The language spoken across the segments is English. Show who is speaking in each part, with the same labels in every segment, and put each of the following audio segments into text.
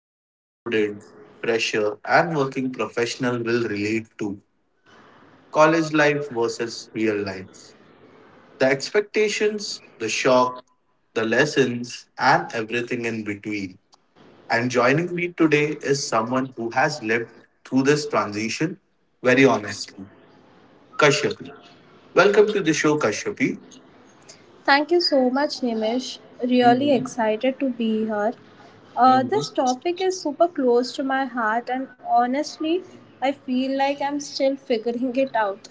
Speaker 1: Every student, fresher and working professional will relate to. College life versus real life. The expectations, the shock, the lessons and everything in between. And joining me today is someone who has lived through this transition very honestly. Kashyapi. Welcome to the show, Kashyapi.
Speaker 2: Thank you so much, Nimish. Really
Speaker 1: Mhm,
Speaker 2: excited to be here.
Speaker 1: mhm.
Speaker 2: This topic is super close to my heart, and honestly, I feel like I'm still figuring it out.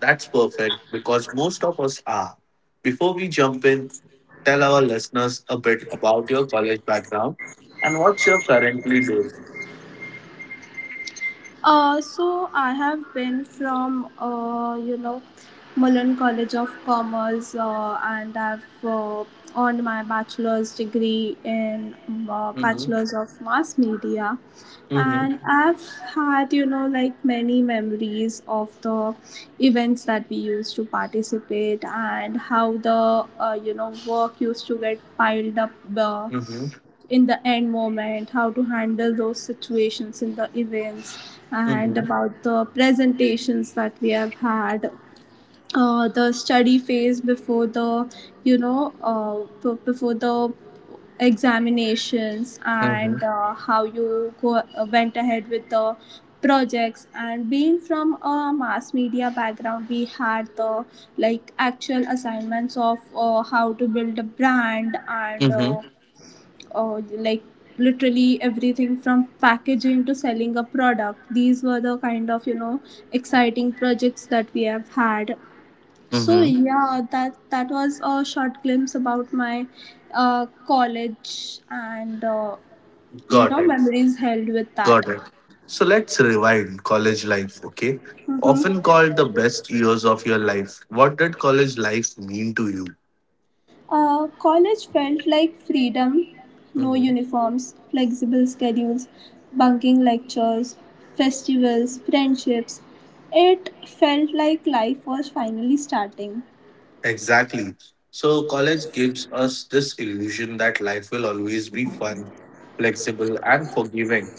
Speaker 1: That's perfect because most of us are. Before we jump in, tell our listeners a bit about your college background and what you're currently doing.
Speaker 2: So I have been from Mullan College of Commerce, and I've earned my bachelor's degree in
Speaker 1: Mm-hmm.
Speaker 2: bachelor's of mass media, and
Speaker 1: Mm-hmm.
Speaker 2: I've had like many memories of the events that we used to participate and how the work used to get piled up. Uh,
Speaker 1: Mm-hmm.
Speaker 2: in the end moment, how to handle those situations in the events, and
Speaker 1: Mm-hmm.
Speaker 2: about the presentations that we have had, the study phase before the, you know, b- before the examinations,
Speaker 1: Mm-hmm.
Speaker 2: and how you go went ahead with the projects. And being from a mass media background, we had the like actual assignments of how to build a brand, and
Speaker 1: Mm-hmm.
Speaker 2: like literally everything from packaging to selling a product. These were the kind of exciting projects that we have had. So
Speaker 1: Mm-hmm.
Speaker 2: yeah, that was a short glimpse about my college and
Speaker 1: Got it.
Speaker 2: memories held with that.
Speaker 1: Got it. So let's rewind college life, okay?
Speaker 2: Mhm.
Speaker 1: Often called the best years of your life. What did college life mean to
Speaker 2: College felt like freedom: no
Speaker 1: you?
Speaker 2: uniforms, flexible schedules, bunking lectures, festivals, friendships. It felt like life was finally starting.
Speaker 1: Exactly. So college gives us this illusion that life will always be fun, flexible, and forgiving.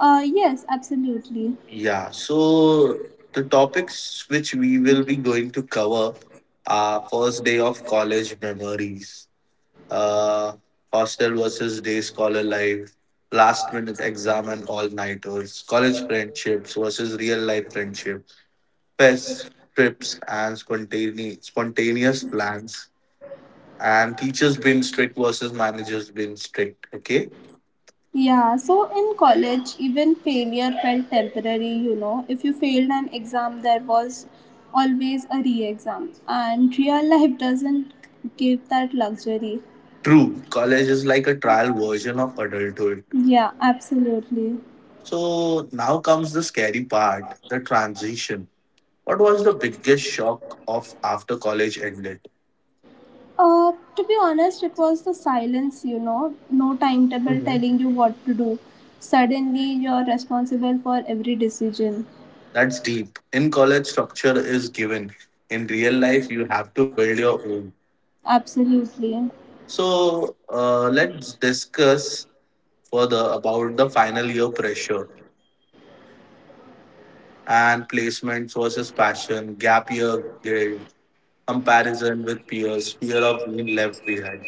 Speaker 2: Yes, absolutely.
Speaker 1: Yeah. So the topics which we will be going to cover are first day of college memories, uh, hostel versus day scholar life, last minute exam and all nighters, college friendships versus real life friendship, fest trips and spontaneous plans and teachers been strict versus managers been strict, okay?
Speaker 2: Yeah, so in college, even failure felt temporary, you know. If you failed an exam, there was always a re exam, and real life doesn't give that luxury.
Speaker 1: True, college is like a trial version of adulthood.
Speaker 2: Yeah, absolutely.
Speaker 1: So now comes the scary part, the transition. What was the biggest shock of after college ended?
Speaker 2: To be honest, it was the silence, you know, no timetable
Speaker 1: Mhm.
Speaker 2: telling you what to do. Suddenly, you're responsible for every decision.
Speaker 1: That's deep. In college structure is given, in real life you have to build your own.
Speaker 2: Absolutely.
Speaker 1: So let's discuss further about the final year pressure and placements versus passion, gap year guilt, comparison with peers, fear of being left behind.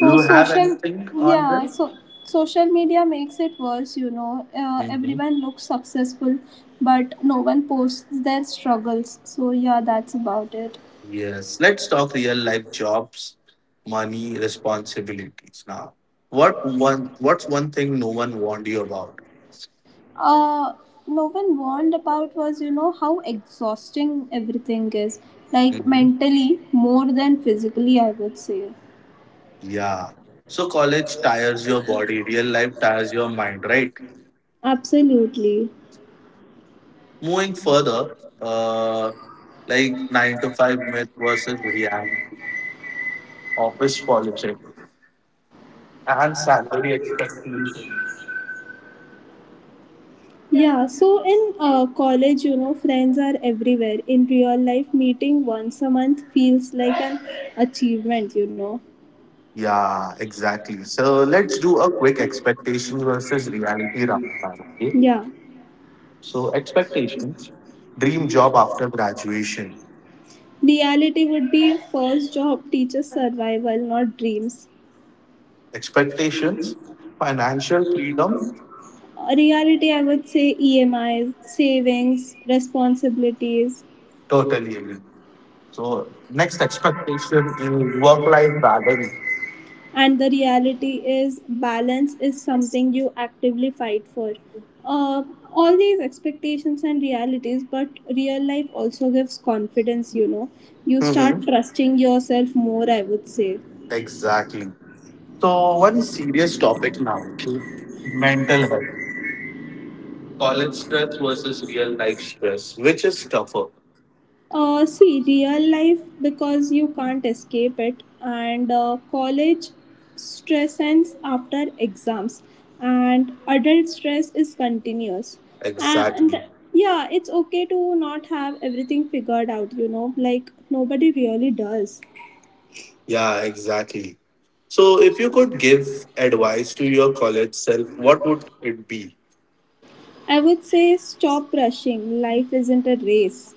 Speaker 1: Do you have
Speaker 2: social,
Speaker 1: anything on this?
Speaker 2: yeah, so social media makes it worse, you know.
Speaker 1: Hmm.
Speaker 2: Everyone looks successful, but no one posts their struggles. So, yeah, that's about it.
Speaker 1: Yes. Let's talk real life jobs, money, responsibilities. Now, what one? What's one thing no one warned you about?
Speaker 2: uh, no one warned about was, you know, how exhausting everything is, like
Speaker 1: Hmm.
Speaker 2: mentally more than physically, I would say.
Speaker 1: Yeah. So college tires your body, real life tires your mind, right?
Speaker 2: Absolutely.
Speaker 1: Moving further, uh, like 9 to 5 myth versus reality, office politics, and salary expectations.
Speaker 2: Yeah, so in college, you know, friends are everywhere. In real life, meeting once a month feels like an achievement, you know.
Speaker 1: Yeah, exactly. So let's do a quick expectations versus reality round. Okay.
Speaker 2: Yeah.
Speaker 1: So expectations, dream job after graduation.
Speaker 2: Reality would be first job teaches survival, not dreams.
Speaker 1: Expectations, financial freedom,
Speaker 2: Reality, I would say, EMIs, savings, responsibilities,
Speaker 1: totally agree. So next expectation in work-life balance.
Speaker 2: and the reality is balance is something you actively fight for. uh, all these expectations and realities, but real life also gives confidence, you know. You
Speaker 1: Hmm.
Speaker 2: start trusting yourself more, I would say.
Speaker 1: Exactly. So one serious topic now, okay? Mental health. College stress versus real life stress. Which is tougher?
Speaker 2: See, real life, because you can't escape it, and college stress ends after exams, and adult stress is continuous. And
Speaker 1: Exactly.
Speaker 2: yeah, it's okay to not have everything figured out, you know, like nobody really does.
Speaker 1: Yeah, exactly. So, if you could give advice to your college self, what would it be?
Speaker 2: I would say stop rushing, life isn't a race.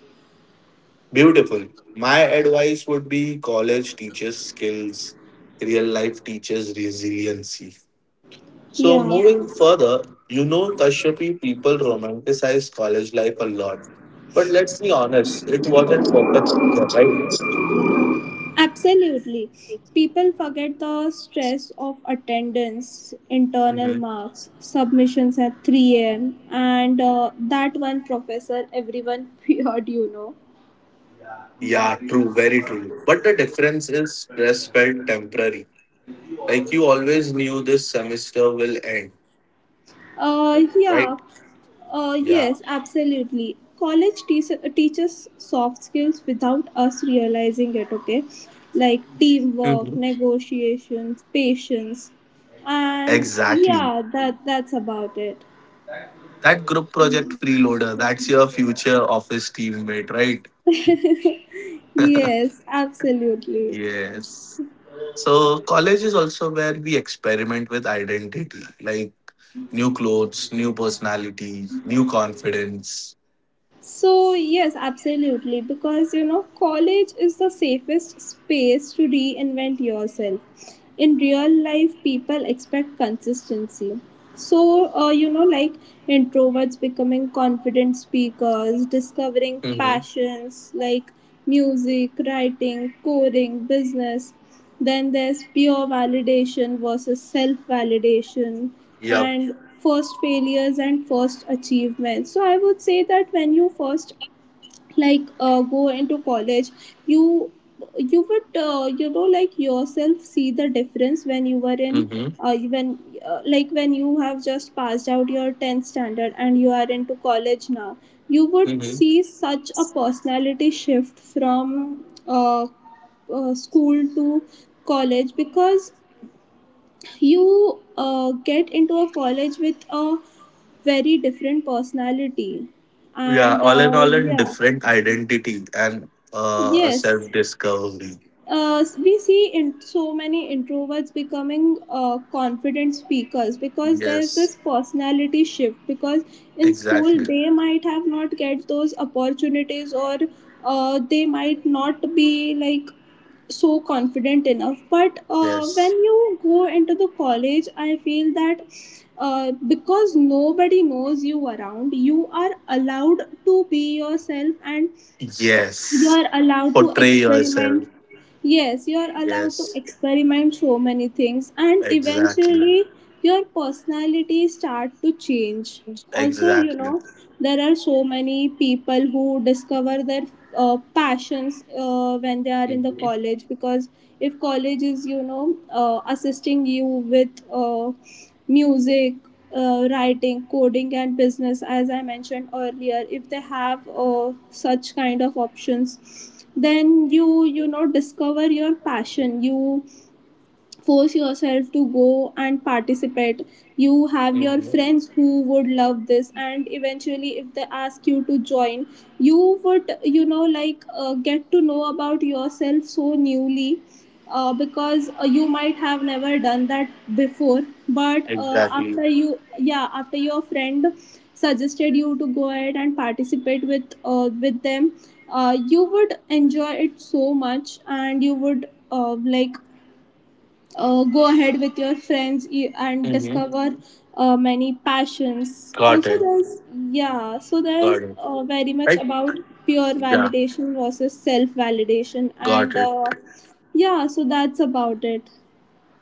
Speaker 1: Beautiful. My advice would be college teaches skills, real life teaches resiliency. So,
Speaker 2: Yeah.
Speaker 1: moving further, you know, Kashyapi, people romanticize college life a lot. But let's be honest, it wasn't perfect, right?
Speaker 2: Absolutely. People forget the stress of attendance,
Speaker 1: Hmm.
Speaker 2: internal marks, submissions at 3 a.m., and that one professor everyone feared, you know.
Speaker 1: Yeah, true, very true. But the difference is stress felt temporary. Like you always knew this semester will end,
Speaker 2: Uh, yeah,
Speaker 1: right?
Speaker 2: yes,
Speaker 1: Yeah.
Speaker 2: absolutely. College teaches soft skills without us realizing it, okay? Like
Speaker 1: Mhm.
Speaker 2: teamwork, negotiation, patience, and
Speaker 1: Exactly.
Speaker 2: yeah, that's about it.
Speaker 1: That group project freeloader, that's your future office teammate, right?
Speaker 2: Yes, absolutely.
Speaker 1: Yes. So, college is also where we experiment with identity, like new clothes, new personality, new confidence.
Speaker 2: So, yes, absolutely, because, you know, college is the safest space to reinvent yourself. In real life, people expect consistency. So, introverts becoming confident speakers, discovering
Speaker 1: Mm-hmm.
Speaker 2: passions like music, writing, coding, business. Then there's peer validation versus self validation,
Speaker 1: Yep.
Speaker 2: and first failures and first achievements. So I would say that when you first like go into college, you you would like yourself see the difference when you were in
Speaker 1: Mm-hmm.
Speaker 2: when like when you have just passed out your 10th standard and you are into college now. You would
Speaker 1: Mm-hmm.
Speaker 2: see such a personality shift from school to college, because you get into a college with a very different personality,
Speaker 1: Yeah,
Speaker 2: and
Speaker 1: all, in
Speaker 2: yeah.
Speaker 1: different identity and a
Speaker 2: Yes,
Speaker 1: self discovery.
Speaker 2: we see in so many introverts becoming confident speakers, because there's this
Speaker 1: Yes,
Speaker 2: personality shift, because in school
Speaker 1: exactly.
Speaker 2: they might have not get those opportunities, or they might not be like so confident enough. But when
Speaker 1: Yes.
Speaker 2: you go into the college, I feel that because nobody knows you around, you are allowed to be yourself, and you
Speaker 1: Yes.
Speaker 2: are allowed to
Speaker 1: Portray yourself.
Speaker 2: experiment. Yes, you are allowed to
Speaker 1: Yes,
Speaker 2: experiment so many things, and
Speaker 1: exactly.
Speaker 2: eventually your personality start to change. Also, you
Speaker 1: Exactly.
Speaker 2: know, there are so many people who discover their passions when they are in the
Speaker 1: Mhm,
Speaker 2: college, because if college is, you know, assisting you with music, writing, coding, and business, as I mentioned earlier, if they have such kind of options, then you know, discover your passion. You force yourself to go and participate. You have your
Speaker 1: mhm.
Speaker 2: friends who would love this, and eventually if they ask you to join, you would, you know, like get to know about yourself so newly, because you might have never done that before. But
Speaker 1: Exactly.
Speaker 2: after you, yeah, after your friend suggested you to go ahead and participate with them, you would enjoy it so much, and you would go ahead with your friends and
Speaker 1: Hmm.
Speaker 2: discover many passions
Speaker 1: Got
Speaker 2: also.
Speaker 1: it.
Speaker 2: There's yeah, so there's
Speaker 1: Got it.
Speaker 2: very much
Speaker 1: Right?
Speaker 2: about peer
Speaker 1: Yeah,
Speaker 2: validation versus self validation,
Speaker 1: got
Speaker 2: and
Speaker 1: it.
Speaker 2: yeah, so that's about it.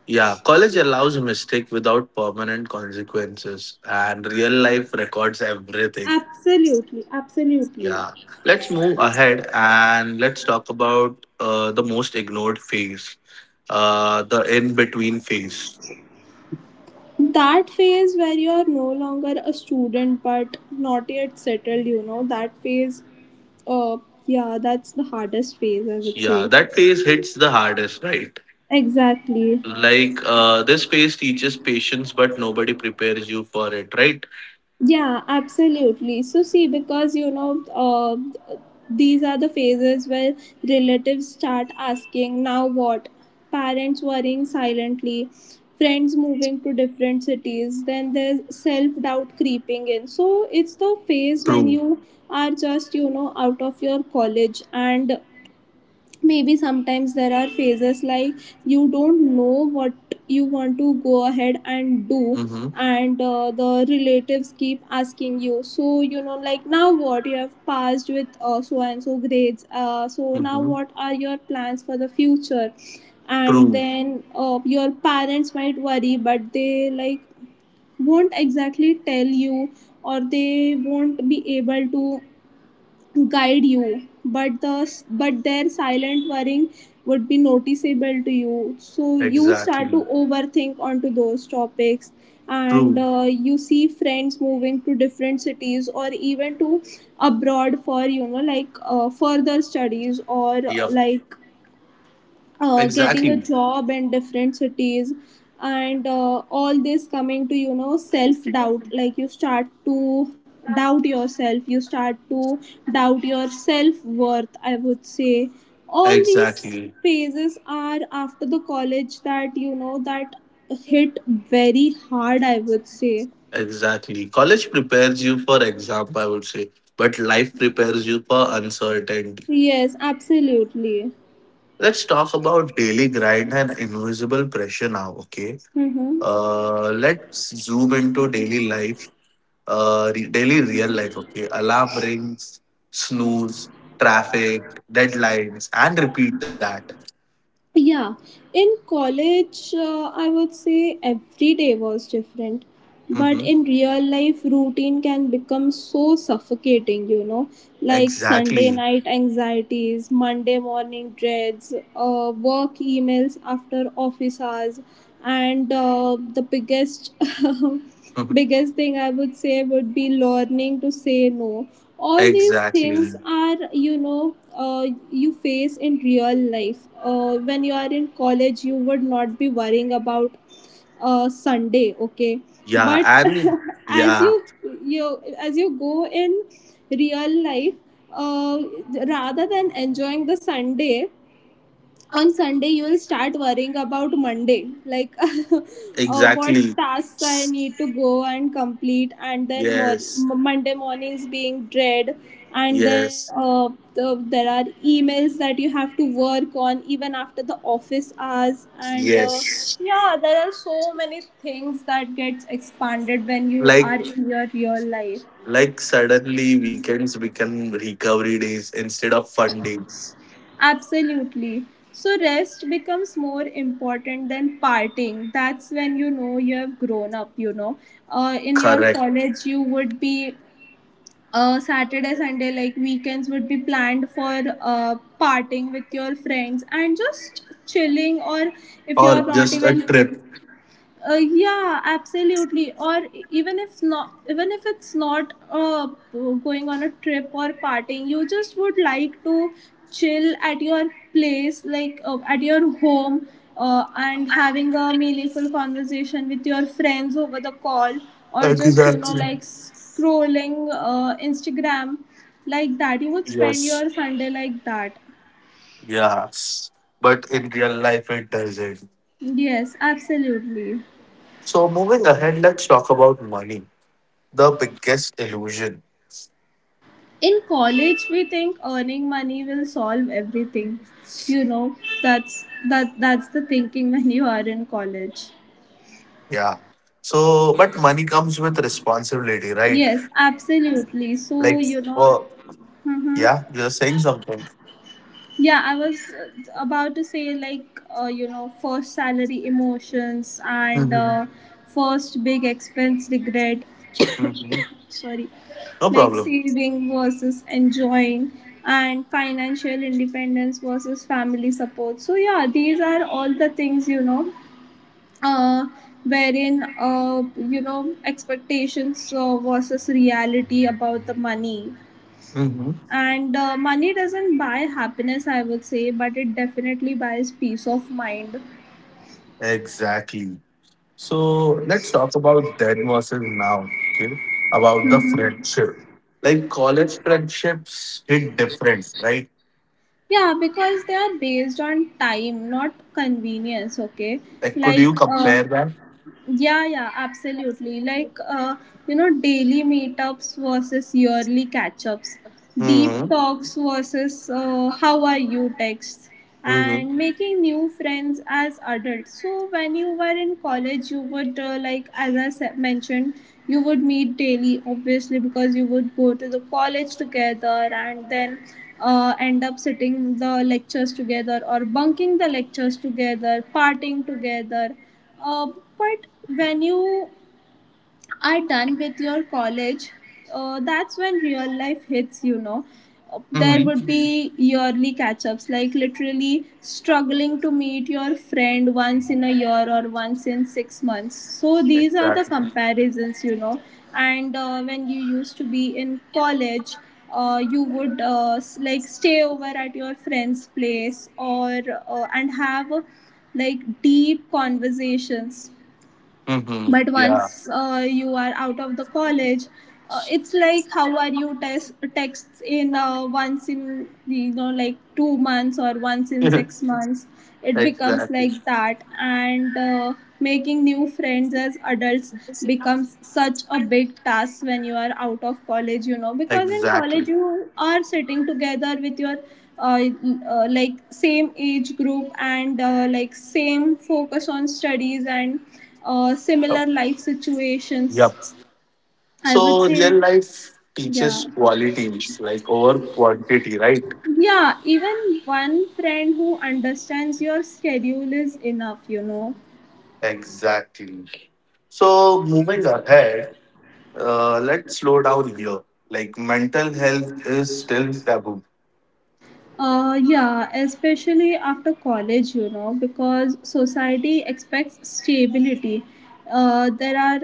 Speaker 1: Yeah, college allows a mistake without permanent consequences, and real life records everything.
Speaker 2: Absolutely, absolutely.
Speaker 1: Yeah. Let's move ahead and let's talk about the most ignored phase, the in between phase.
Speaker 2: That phase where you're no longer a student but not yet settled, you know, that phase, uh yeah, that's the hardest phase, I would say.
Speaker 1: Yeah, that phase hits the hardest, right?
Speaker 2: Exactly.
Speaker 1: Like this phase teaches patience, but nobody prepares you for it, right?
Speaker 2: Yeah, absolutely. So, see, because, you know, these are the phases where relatives start asking, now what? Parents worrying silently, friends moving to different cities, then there's self doubt creeping in. So, it's the phase
Speaker 1: True.
Speaker 2: when you are just, you know, out of your college, and maybe sometimes there are phases like you don't know what you want to go ahead and do.
Speaker 1: Mm-hmm.
Speaker 2: And the relatives keep asking you, so, you know, like now what? You have passed with so and so grades, so now
Speaker 1: Mm-hmm.
Speaker 2: what are your plans for the future? And
Speaker 1: True.
Speaker 2: then your parents might worry, but they like won't exactly tell you, or they won't be able to guide you, but their silent worrying would be noticeable to you, so you start to
Speaker 1: Exactly.
Speaker 2: overthink onto those topics. And
Speaker 1: True.
Speaker 2: you see friends moving to different cities, or even to abroad for, you know, like further studies, or
Speaker 1: Yep.
Speaker 2: like getting a
Speaker 1: Exactly.
Speaker 2: job in different cities. And all this coming to, you know, self doubt, like you start to doubt yourself, you start to doubt your self worth, I would say. All these
Speaker 1: Exactly.
Speaker 2: phases are after the college that, you know, that hit very hard, I would say.
Speaker 1: Exactly. College prepares you for exam, I would say, but life prepares you for uncertainty.
Speaker 2: Yes, absolutely.
Speaker 1: Let's talk about daily grind and invisible pressure now, okay?
Speaker 2: Mm-hmm.
Speaker 1: Let's zoom into daily life, daily real life. Okay, alarm rings, snooze, traffic, deadlines, and repeat that.
Speaker 2: Yeah, in college, I would say every day was different. But
Speaker 1: Hmm.
Speaker 2: in real life, routine can become so suffocating, you know, like
Speaker 1: Exactly.
Speaker 2: Sunday night anxieties, Monday morning dreads, work emails after office hours, and the biggest
Speaker 1: Mhm.
Speaker 2: biggest thing, I would say, would be learning to say no. All these
Speaker 1: Exactly.
Speaker 2: things are, you know, you face in real life. When you are in college, you would not be worrying about sunday, okay?
Speaker 1: Yeah,
Speaker 2: But
Speaker 1: and
Speaker 2: as
Speaker 1: yeah,
Speaker 2: you as you go in real life, uh, rather than enjoying the sunday, on Sunday you will start worrying about Monday, like what
Speaker 1: exactly.
Speaker 2: tasks I
Speaker 1: S-
Speaker 2: need to go and complete, and then more,
Speaker 1: Yes,
Speaker 2: Monday mornings being dread, and then
Speaker 1: yes,
Speaker 2: there are emails that you have to work on even after the office hours, and
Speaker 1: yes.
Speaker 2: yeah, there are so many things that gets expanded when you
Speaker 1: Like,
Speaker 2: are in your real life.
Speaker 1: like suddenly weekends become recovery days instead of fun days.
Speaker 2: Absolutely. So rest becomes more important than partying. That's when you know you have grown up, you know. In your
Speaker 1: Correct.
Speaker 2: college, you would be Saturday, Sunday, like weekends would be planned for partying with your friends and just chilling, or if
Speaker 1: Or
Speaker 2: you're not
Speaker 1: just a trip.
Speaker 2: even yeah, absolutely. Or even if not, even if it's not going on a trip or partying, you just would like to chill at your place, like at your home, and having a meaningful conversation with your friends over the call, or just, you know,
Speaker 1: Exactly.
Speaker 2: like scrolling Instagram like that. You would spend
Speaker 1: Yes.
Speaker 2: your Sunday like that.
Speaker 1: Yes, but in real life it doesn't.
Speaker 2: Yes, absolutely.
Speaker 1: So moving ahead, let's talk about money, the biggest illusion.
Speaker 2: In college we think earning money will solve everything, you know, that's that's the thinking when you are in college.
Speaker 1: Yeah. So, but money comes with responsibility, right?
Speaker 2: Yes, absolutely, so
Speaker 1: Like,
Speaker 2: you know.
Speaker 1: for
Speaker 2: Hmm,
Speaker 1: yeah, you're saying something.
Speaker 2: yeah, I was about to say like, you know, first salary emotions, and
Speaker 1: Hmm.
Speaker 2: first big expense regret.
Speaker 1: Hmm.
Speaker 2: Sorry.
Speaker 1: No
Speaker 2: Like
Speaker 1: problem.
Speaker 2: saving versus enjoying, and financial independence versus family support. So yeah, these are all the things, you know, uh wherein you know, expectations versus reality about the money.
Speaker 1: Hmm.
Speaker 2: And money doesn't buy happiness, I would say, but it definitely buys peace of mind.
Speaker 1: Exactly. So let's talk about then versus now. Okay, about the
Speaker 2: Mhm.
Speaker 1: friendship. Like college friendships hit different, right?
Speaker 2: Yeah, because they are based on time, not convenience, okay?
Speaker 1: Like, could
Speaker 2: Like,
Speaker 1: you compare
Speaker 2: yeah, yeah, absolutely. Like, daily meetups versus yearly catch ups, deep
Speaker 1: that?
Speaker 2: talks versus how are you texts,
Speaker 1: Mm-hmm.
Speaker 2: and making new friends as adults. So, when you were in college, you would, as I mentioned, you would meet daily, obviously, because you would go to the college together and then end up sitting the lectures together or bunking the lectures together, partying together uh, but when you are done with your college, that's when real life hits. There would
Speaker 1: Mm-hmm.
Speaker 2: be yearly catch ups, like literally struggling to meet your friend once in a year or once in 6 months. So these are the
Speaker 1: Exactly.
Speaker 2: comparisons. And when you used to be in college, you would like stay over at your friend's place or and have like deep conversations,
Speaker 1: Mm-hmm.
Speaker 2: but
Speaker 1: Yeah.
Speaker 2: once you are out of the college, it's like how are you test texts in once in like 2 months or once in 6 months. It becomes
Speaker 1: Exactly.
Speaker 2: like that. And making new friends as adults becomes such a big task when you are out of college, you know, because in college
Speaker 1: Exactly.
Speaker 2: you are sitting together with your uh, like same age group and like same focus on studies and
Speaker 1: Yep.
Speaker 2: similar life situations.
Speaker 1: Yep.
Speaker 2: I would
Speaker 1: So
Speaker 2: say,
Speaker 1: real life teaches
Speaker 2: yeah.
Speaker 1: qualities like over quantity, right?
Speaker 2: Yeah, even one friend who understands your schedule is enough, you know.
Speaker 1: Exactly. So moving ahead, let's slow down here. Like mental health is still taboo.
Speaker 2: Yeah, especially after college, you know, because society expects stability. There are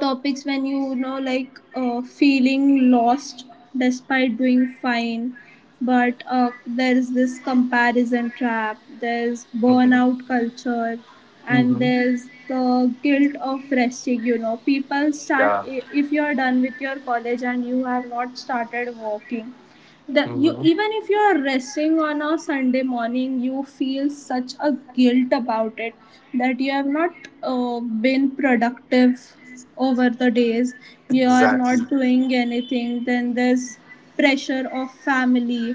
Speaker 2: topics when you know like feeling lost despite doing fine, but there's this comparison trap, there's
Speaker 1: Mm-hmm.
Speaker 2: burnout culture, and
Speaker 1: Mm-hmm.
Speaker 2: there's the guilt of resting, you know. People start
Speaker 1: Yeah.
Speaker 2: if you're done with your college and you have not started working, the you even if you are resting on a Sunday morning, you feel such a guilt about it, that you have not been productive over the days, you are
Speaker 1: Exactly.
Speaker 2: not doing anything. Then there's pressure of family,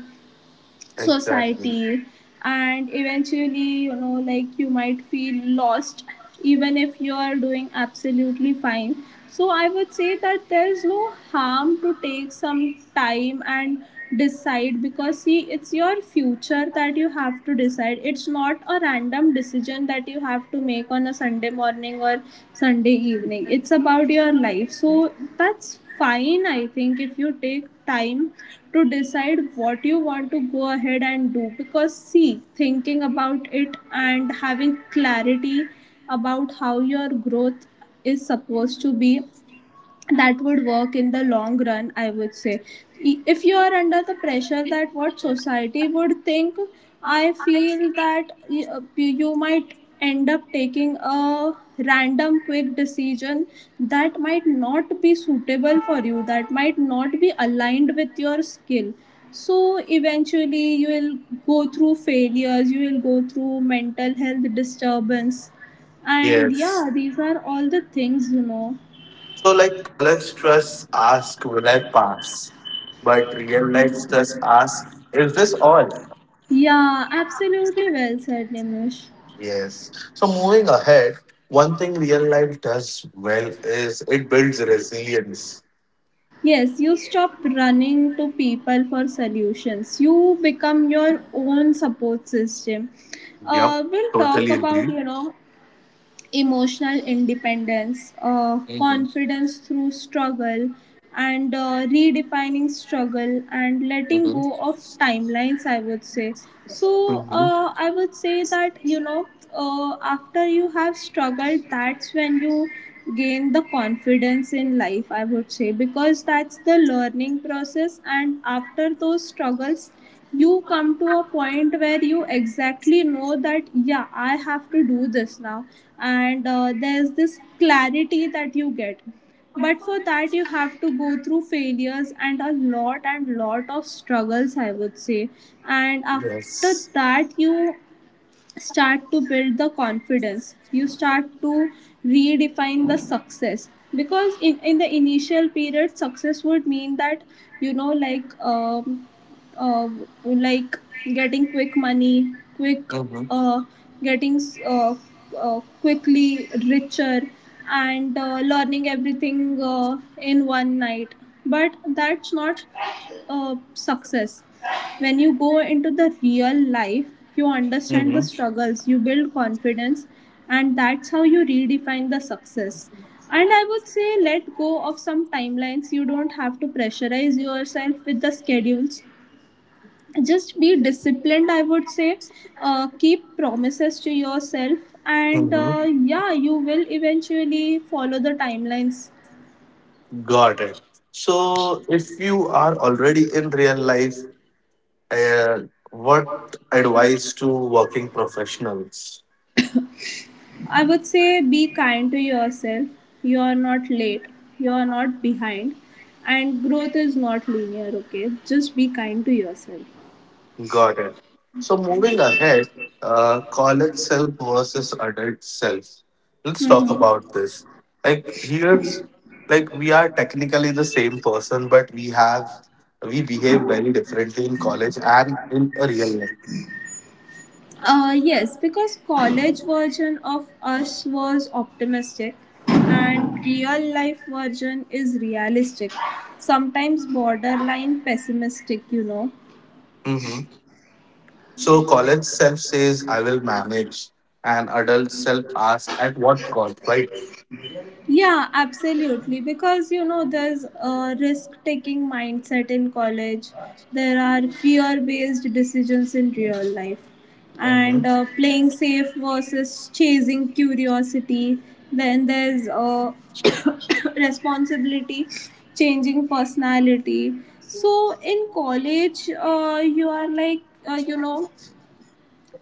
Speaker 1: Exactly.
Speaker 2: society, and eventually, you know, like you might feel lost, even if you are doing absolutely fine. So I would say that there's no harm to take some time and decide, because see, it's your future that you have to decide. It's not a random decision that you have to make on a Sunday morning or Sunday evening. It's about your life. So that's fine, I think, if you take time to decide what you want to go ahead and do, because see, thinking about it and having clarity about how your growth is supposed to be, that would work in the long run, I would say. If you are under the pressure that what society would think, I feel that you might end up taking a random quick decision that might not be suitable for you, that might not be aligned with your skill. So eventually you will go through failures, you will go through mental health disturbance. And yeah,
Speaker 1: Yes.
Speaker 2: these are all the things, you know.
Speaker 1: So like college stress ask will I pass? But real life stress ask, is this all?
Speaker 2: Yeah, absolutely, well said, Nimish.
Speaker 1: Yes. So moving ahead, one thing real life does well is it builds resilience.
Speaker 2: Yes, you stop running to people for solutions. You become your own support system.
Speaker 1: Yep.
Speaker 2: We'll talk
Speaker 1: Totally
Speaker 2: about
Speaker 1: agree.
Speaker 2: emotional independence,
Speaker 1: Mm-hmm.
Speaker 2: confidence through struggle, and redefining struggle and letting
Speaker 1: Mm-hmm.
Speaker 2: go of timelines, I would say. So,
Speaker 1: Mm-hmm.
Speaker 2: I would say that after you have struggled, that's when you gain the confidence in life, I would say, because that's the learning process. And after those struggles, you come to a point where you exactly know that, yeah, I have to do this now. And there's this clarity that you get, but for that you have to go through failures and a lot and lot of struggles, I would say. And after
Speaker 1: Yes.
Speaker 2: that, you start to build the confidence, you start to redefine the success, because in the initial period success would mean that, you know like um, uh, like getting quick money, quick
Speaker 1: Mm-hmm.
Speaker 2: uh, getting uh, quickly richer and learning everything in one night. But that's not success. When you go into the real life, you understand the
Speaker 1: Mm-hmm.
Speaker 2: struggles, you build confidence, and that's how you redefine the success. And I would say, let go of some timelines. You don't have to pressurize yourself with the schedules. Just be disciplined, I would say. Keep promises to yourself, and
Speaker 1: Mm-hmm.
Speaker 2: yeah, you will eventually follow the timelines.
Speaker 1: Got it. So if you are already in real life, and what advice to working professionals?
Speaker 2: I would say, be kind to yourself. You are not late. You are not behind. And growth is not linear, okay? Just be kind to yourself.
Speaker 1: Got it. So moving ahead, college self versus adult self. Let's talk
Speaker 2: Mhm.
Speaker 1: about this. Like here's like we are technically the same person, but we have we behave very differently in college and in a real life.
Speaker 2: Yes, because college version of us was optimistic and real life version is realistic. Sometimes borderline pessimistic, you know.
Speaker 1: Mm-hmm. So college self says I will manage, and adult self asks at what cost, right?
Speaker 2: Yeah, absolutely. Because, you know, there's a risk taking mindset in college, there are fear based decisions in real life, and
Speaker 1: Mm-hmm.
Speaker 2: playing safe versus chasing curiosity. Then there's responsibility, changing personality. So in college, you are like, uh, you know,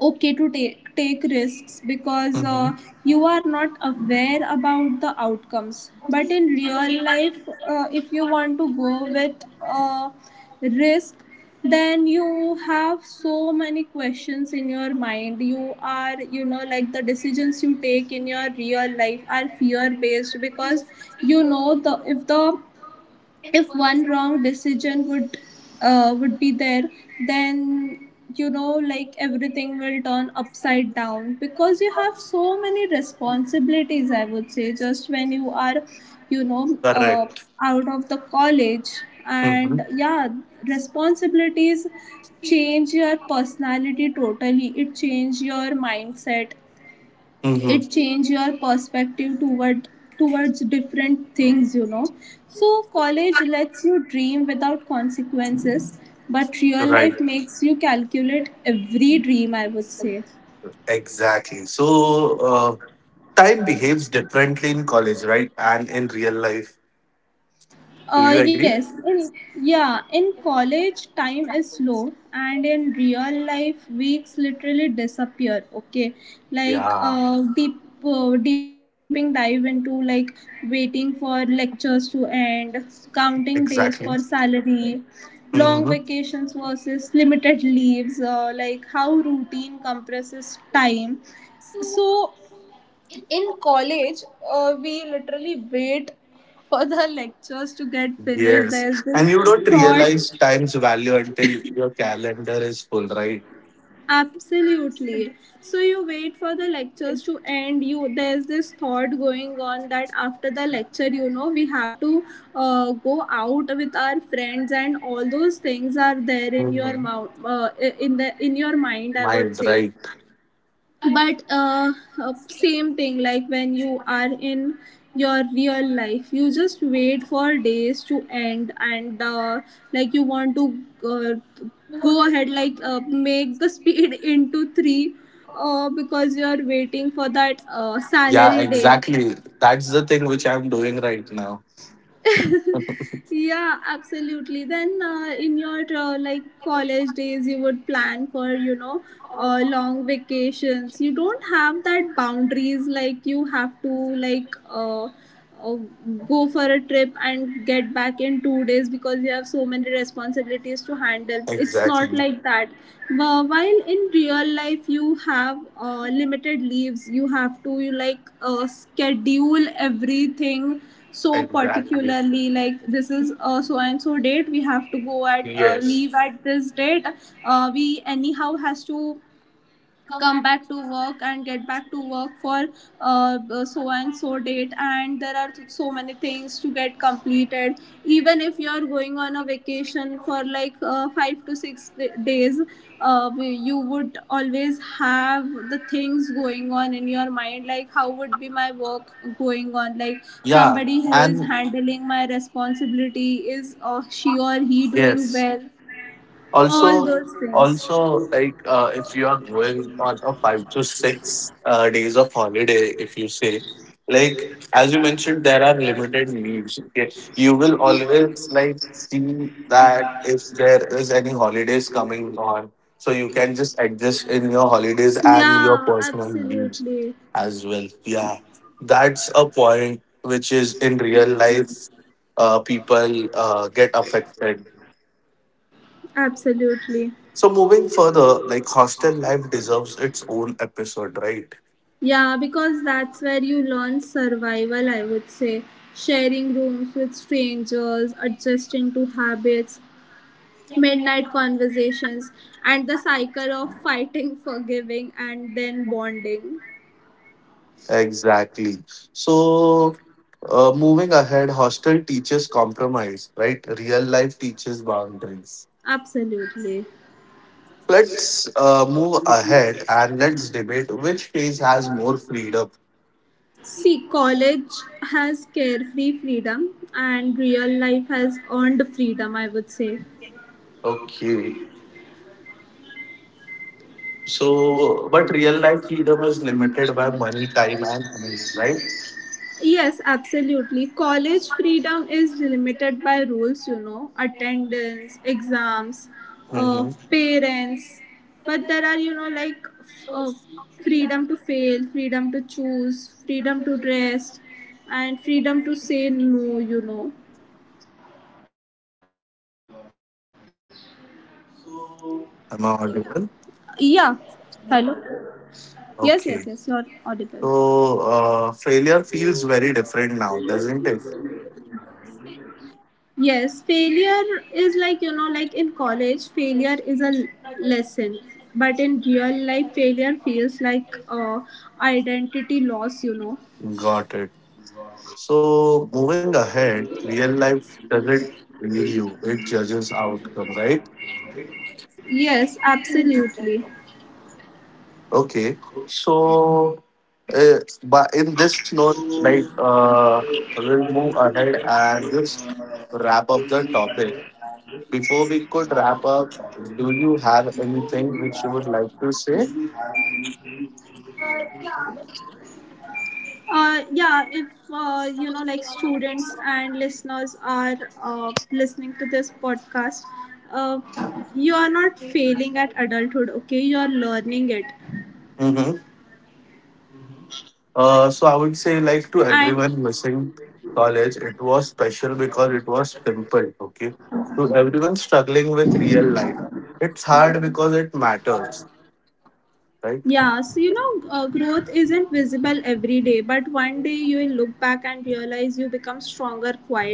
Speaker 2: okay to take risks, because
Speaker 1: Mm-hmm.
Speaker 2: you are not aware about the outcomes. But in real life, if you want to go with uh, risk, then you have so many questions in your mind. You are, you know, like the decisions you take in your real life are fear based, because you know, the if one wrong decision would be there, then, you know, like everything will turn upside down, because you have so many responsibilities, I would say, just when you are, you know uh,
Speaker 1: Correct.
Speaker 2: out of the college. And yeah, responsibilities change your personality totally. It change your mindset,
Speaker 1: Hmm.
Speaker 2: it change your perspective towards different things, you know. So college lets you dream without consequences, but real
Speaker 1: Right.
Speaker 2: life makes you calculate every dream, I would say.
Speaker 1: Exactly. So uh, time behaves differently in college, right? And in real life. Do you agree?
Speaker 2: Yes, in Yeah, in college time is slow, and in real life weeks literally disappear. Okay, like
Speaker 1: Yeah,
Speaker 2: deeping dive into, like, waiting for lectures to end, counting days for
Speaker 1: exactly.
Speaker 2: salary, long
Speaker 1: Hmm.
Speaker 2: vacations versus limited leaves. Like how routine compresses time. So in college, we literally wait for the lectures to get finished.
Speaker 1: Yes.
Speaker 2: There's this
Speaker 1: And you don't
Speaker 2: thought,
Speaker 1: realize time's value until your calendar is full, right?
Speaker 2: absolutely. So you wait for the lectures to end. You There's this thought going on that after the lecture, you know, we have to go out with our friends, and all those things are there in your
Speaker 1: Hmm.
Speaker 2: mouth, in your mind, I would
Speaker 1: Mind,
Speaker 2: say.
Speaker 1: right?
Speaker 2: But same thing, like when you are in your real life, you just wait for days to end, and like you want to go ahead, like make the speed into 3, because you are waiting for that
Speaker 1: Yeah,
Speaker 2: salary day.
Speaker 1: exactly. That's the thing which I'm doing right now.
Speaker 2: Yeah, absolutely. Then, in your like college days, you would plan for, you know, long vacations. You don't have that boundaries, like you have to, like uh, go for a trip and get back in 2 days, because you have so many responsibilities to handle. It's not
Speaker 1: Exactly.
Speaker 2: like that. While in real life, you have limited leaves. You have to, you like schedule everything, so
Speaker 1: Exactly.
Speaker 2: particularly like this is so and so date we have to go at
Speaker 1: Yes.
Speaker 2: leave at this date. We anyhow has to come back to work and get back to work for uh, so and so date, and there are so many things to get completed. Even if you are going on a vacation for like 5 to 6 days, you would always have the things going on in your mind, like how would be my work going on, like
Speaker 1: Yeah.
Speaker 2: somebody who is
Speaker 1: And
Speaker 2: handling my responsibility, is she or he doing
Speaker 1: yes.
Speaker 2: well, all
Speaker 1: also
Speaker 2: those things.
Speaker 1: also like if you are going on a 5 to 6 days of holiday, if you say, like as you mentioned there are limited leaves, okay? You will always like see that if there is any holidays coming on, so you can just adjust in your holidays and your
Speaker 2: Yeah,
Speaker 1: personal leaves
Speaker 2: absolutely.
Speaker 1: as well, yeah. That's a point which is in real life people get affected.
Speaker 2: Absolutely.
Speaker 1: So moving further, like hostel life deserves its own episode, right?
Speaker 2: Yeah, because that's where you learn survival, I would say. Sharing rooms with strangers, adjusting to habits, midnight conversations, and the cycle of fighting, forgiving, and then bonding.
Speaker 1: Exactly. So, moving ahead, hostel teaches compromise, right? Real life teaches boundaries.
Speaker 2: Absolutely.
Speaker 1: Let's move ahead and let's debate which phase has more freedom.
Speaker 2: See, college has carefree freedom, and real life has earned freedom, I would say.
Speaker 1: Okay. So, but real life freedom is limited by money, time, and energy, right?
Speaker 2: Yes, absolutely. College freedom is limited by rules, you know, attendance, exams, uh,
Speaker 1: Mm-hmm.
Speaker 2: parents. But there are, you know, like freedom to fail, freedom to choose, freedom to rest, and freedom to say no, you know. Yeah.
Speaker 1: Am I
Speaker 2: Hello?
Speaker 1: audible?
Speaker 2: Yes, yes, yes, you're audible.
Speaker 1: Okay. So failure feels very different now, doesn't it?
Speaker 2: Yes, failure is like, you know, like in college, failure is a lesson. But in real life, failure feels like identity loss, you know.
Speaker 1: Got it. So moving ahead, real life doesn't read you; it judges outcome, right?
Speaker 2: Yes, absolutely.
Speaker 1: Okay. So, but in this note, like we'll move ahead and just wrap up the topic. Before we could wrap up, do you have anything which you would like to say?
Speaker 2: Yeah, if, like students and listeners are listening to this podcast, uh, you are not failing at adulthood, okay? You are learning it.
Speaker 1: Mm-hmm. Uh,
Speaker 2: And
Speaker 1: so I would say, like to everyone missing college, it was special because it was simple. Okay, to everyone struggling with real life, it's hard because it matters,
Speaker 2: yeah, so you
Speaker 1: right?
Speaker 2: know, growth isn't visible every day, but one day you will look back and realize you become stronger quietly.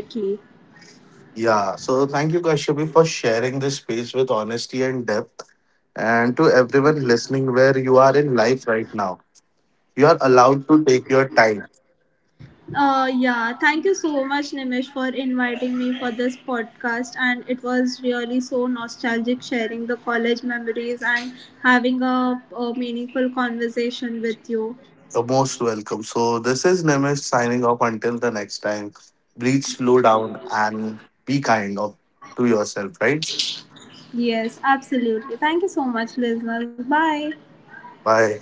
Speaker 1: Yeah. So thank you, Kashyapi, for sharing this space with honesty and depth. And to everyone listening, where you are in life right now, you are allowed to take your time.
Speaker 2: Yeah, thank you so much, Nimish, for inviting me for this podcast. And it was really so nostalgic sharing the college memories and having a meaningful conversation with you.
Speaker 1: You're most welcome. So this is Nimish signing off. Until the next time, breathe, slow down, and be kind of to yourself, right?
Speaker 2: Yes, absolutely. Thank you so much, listeners. Bye.
Speaker 1: Bye.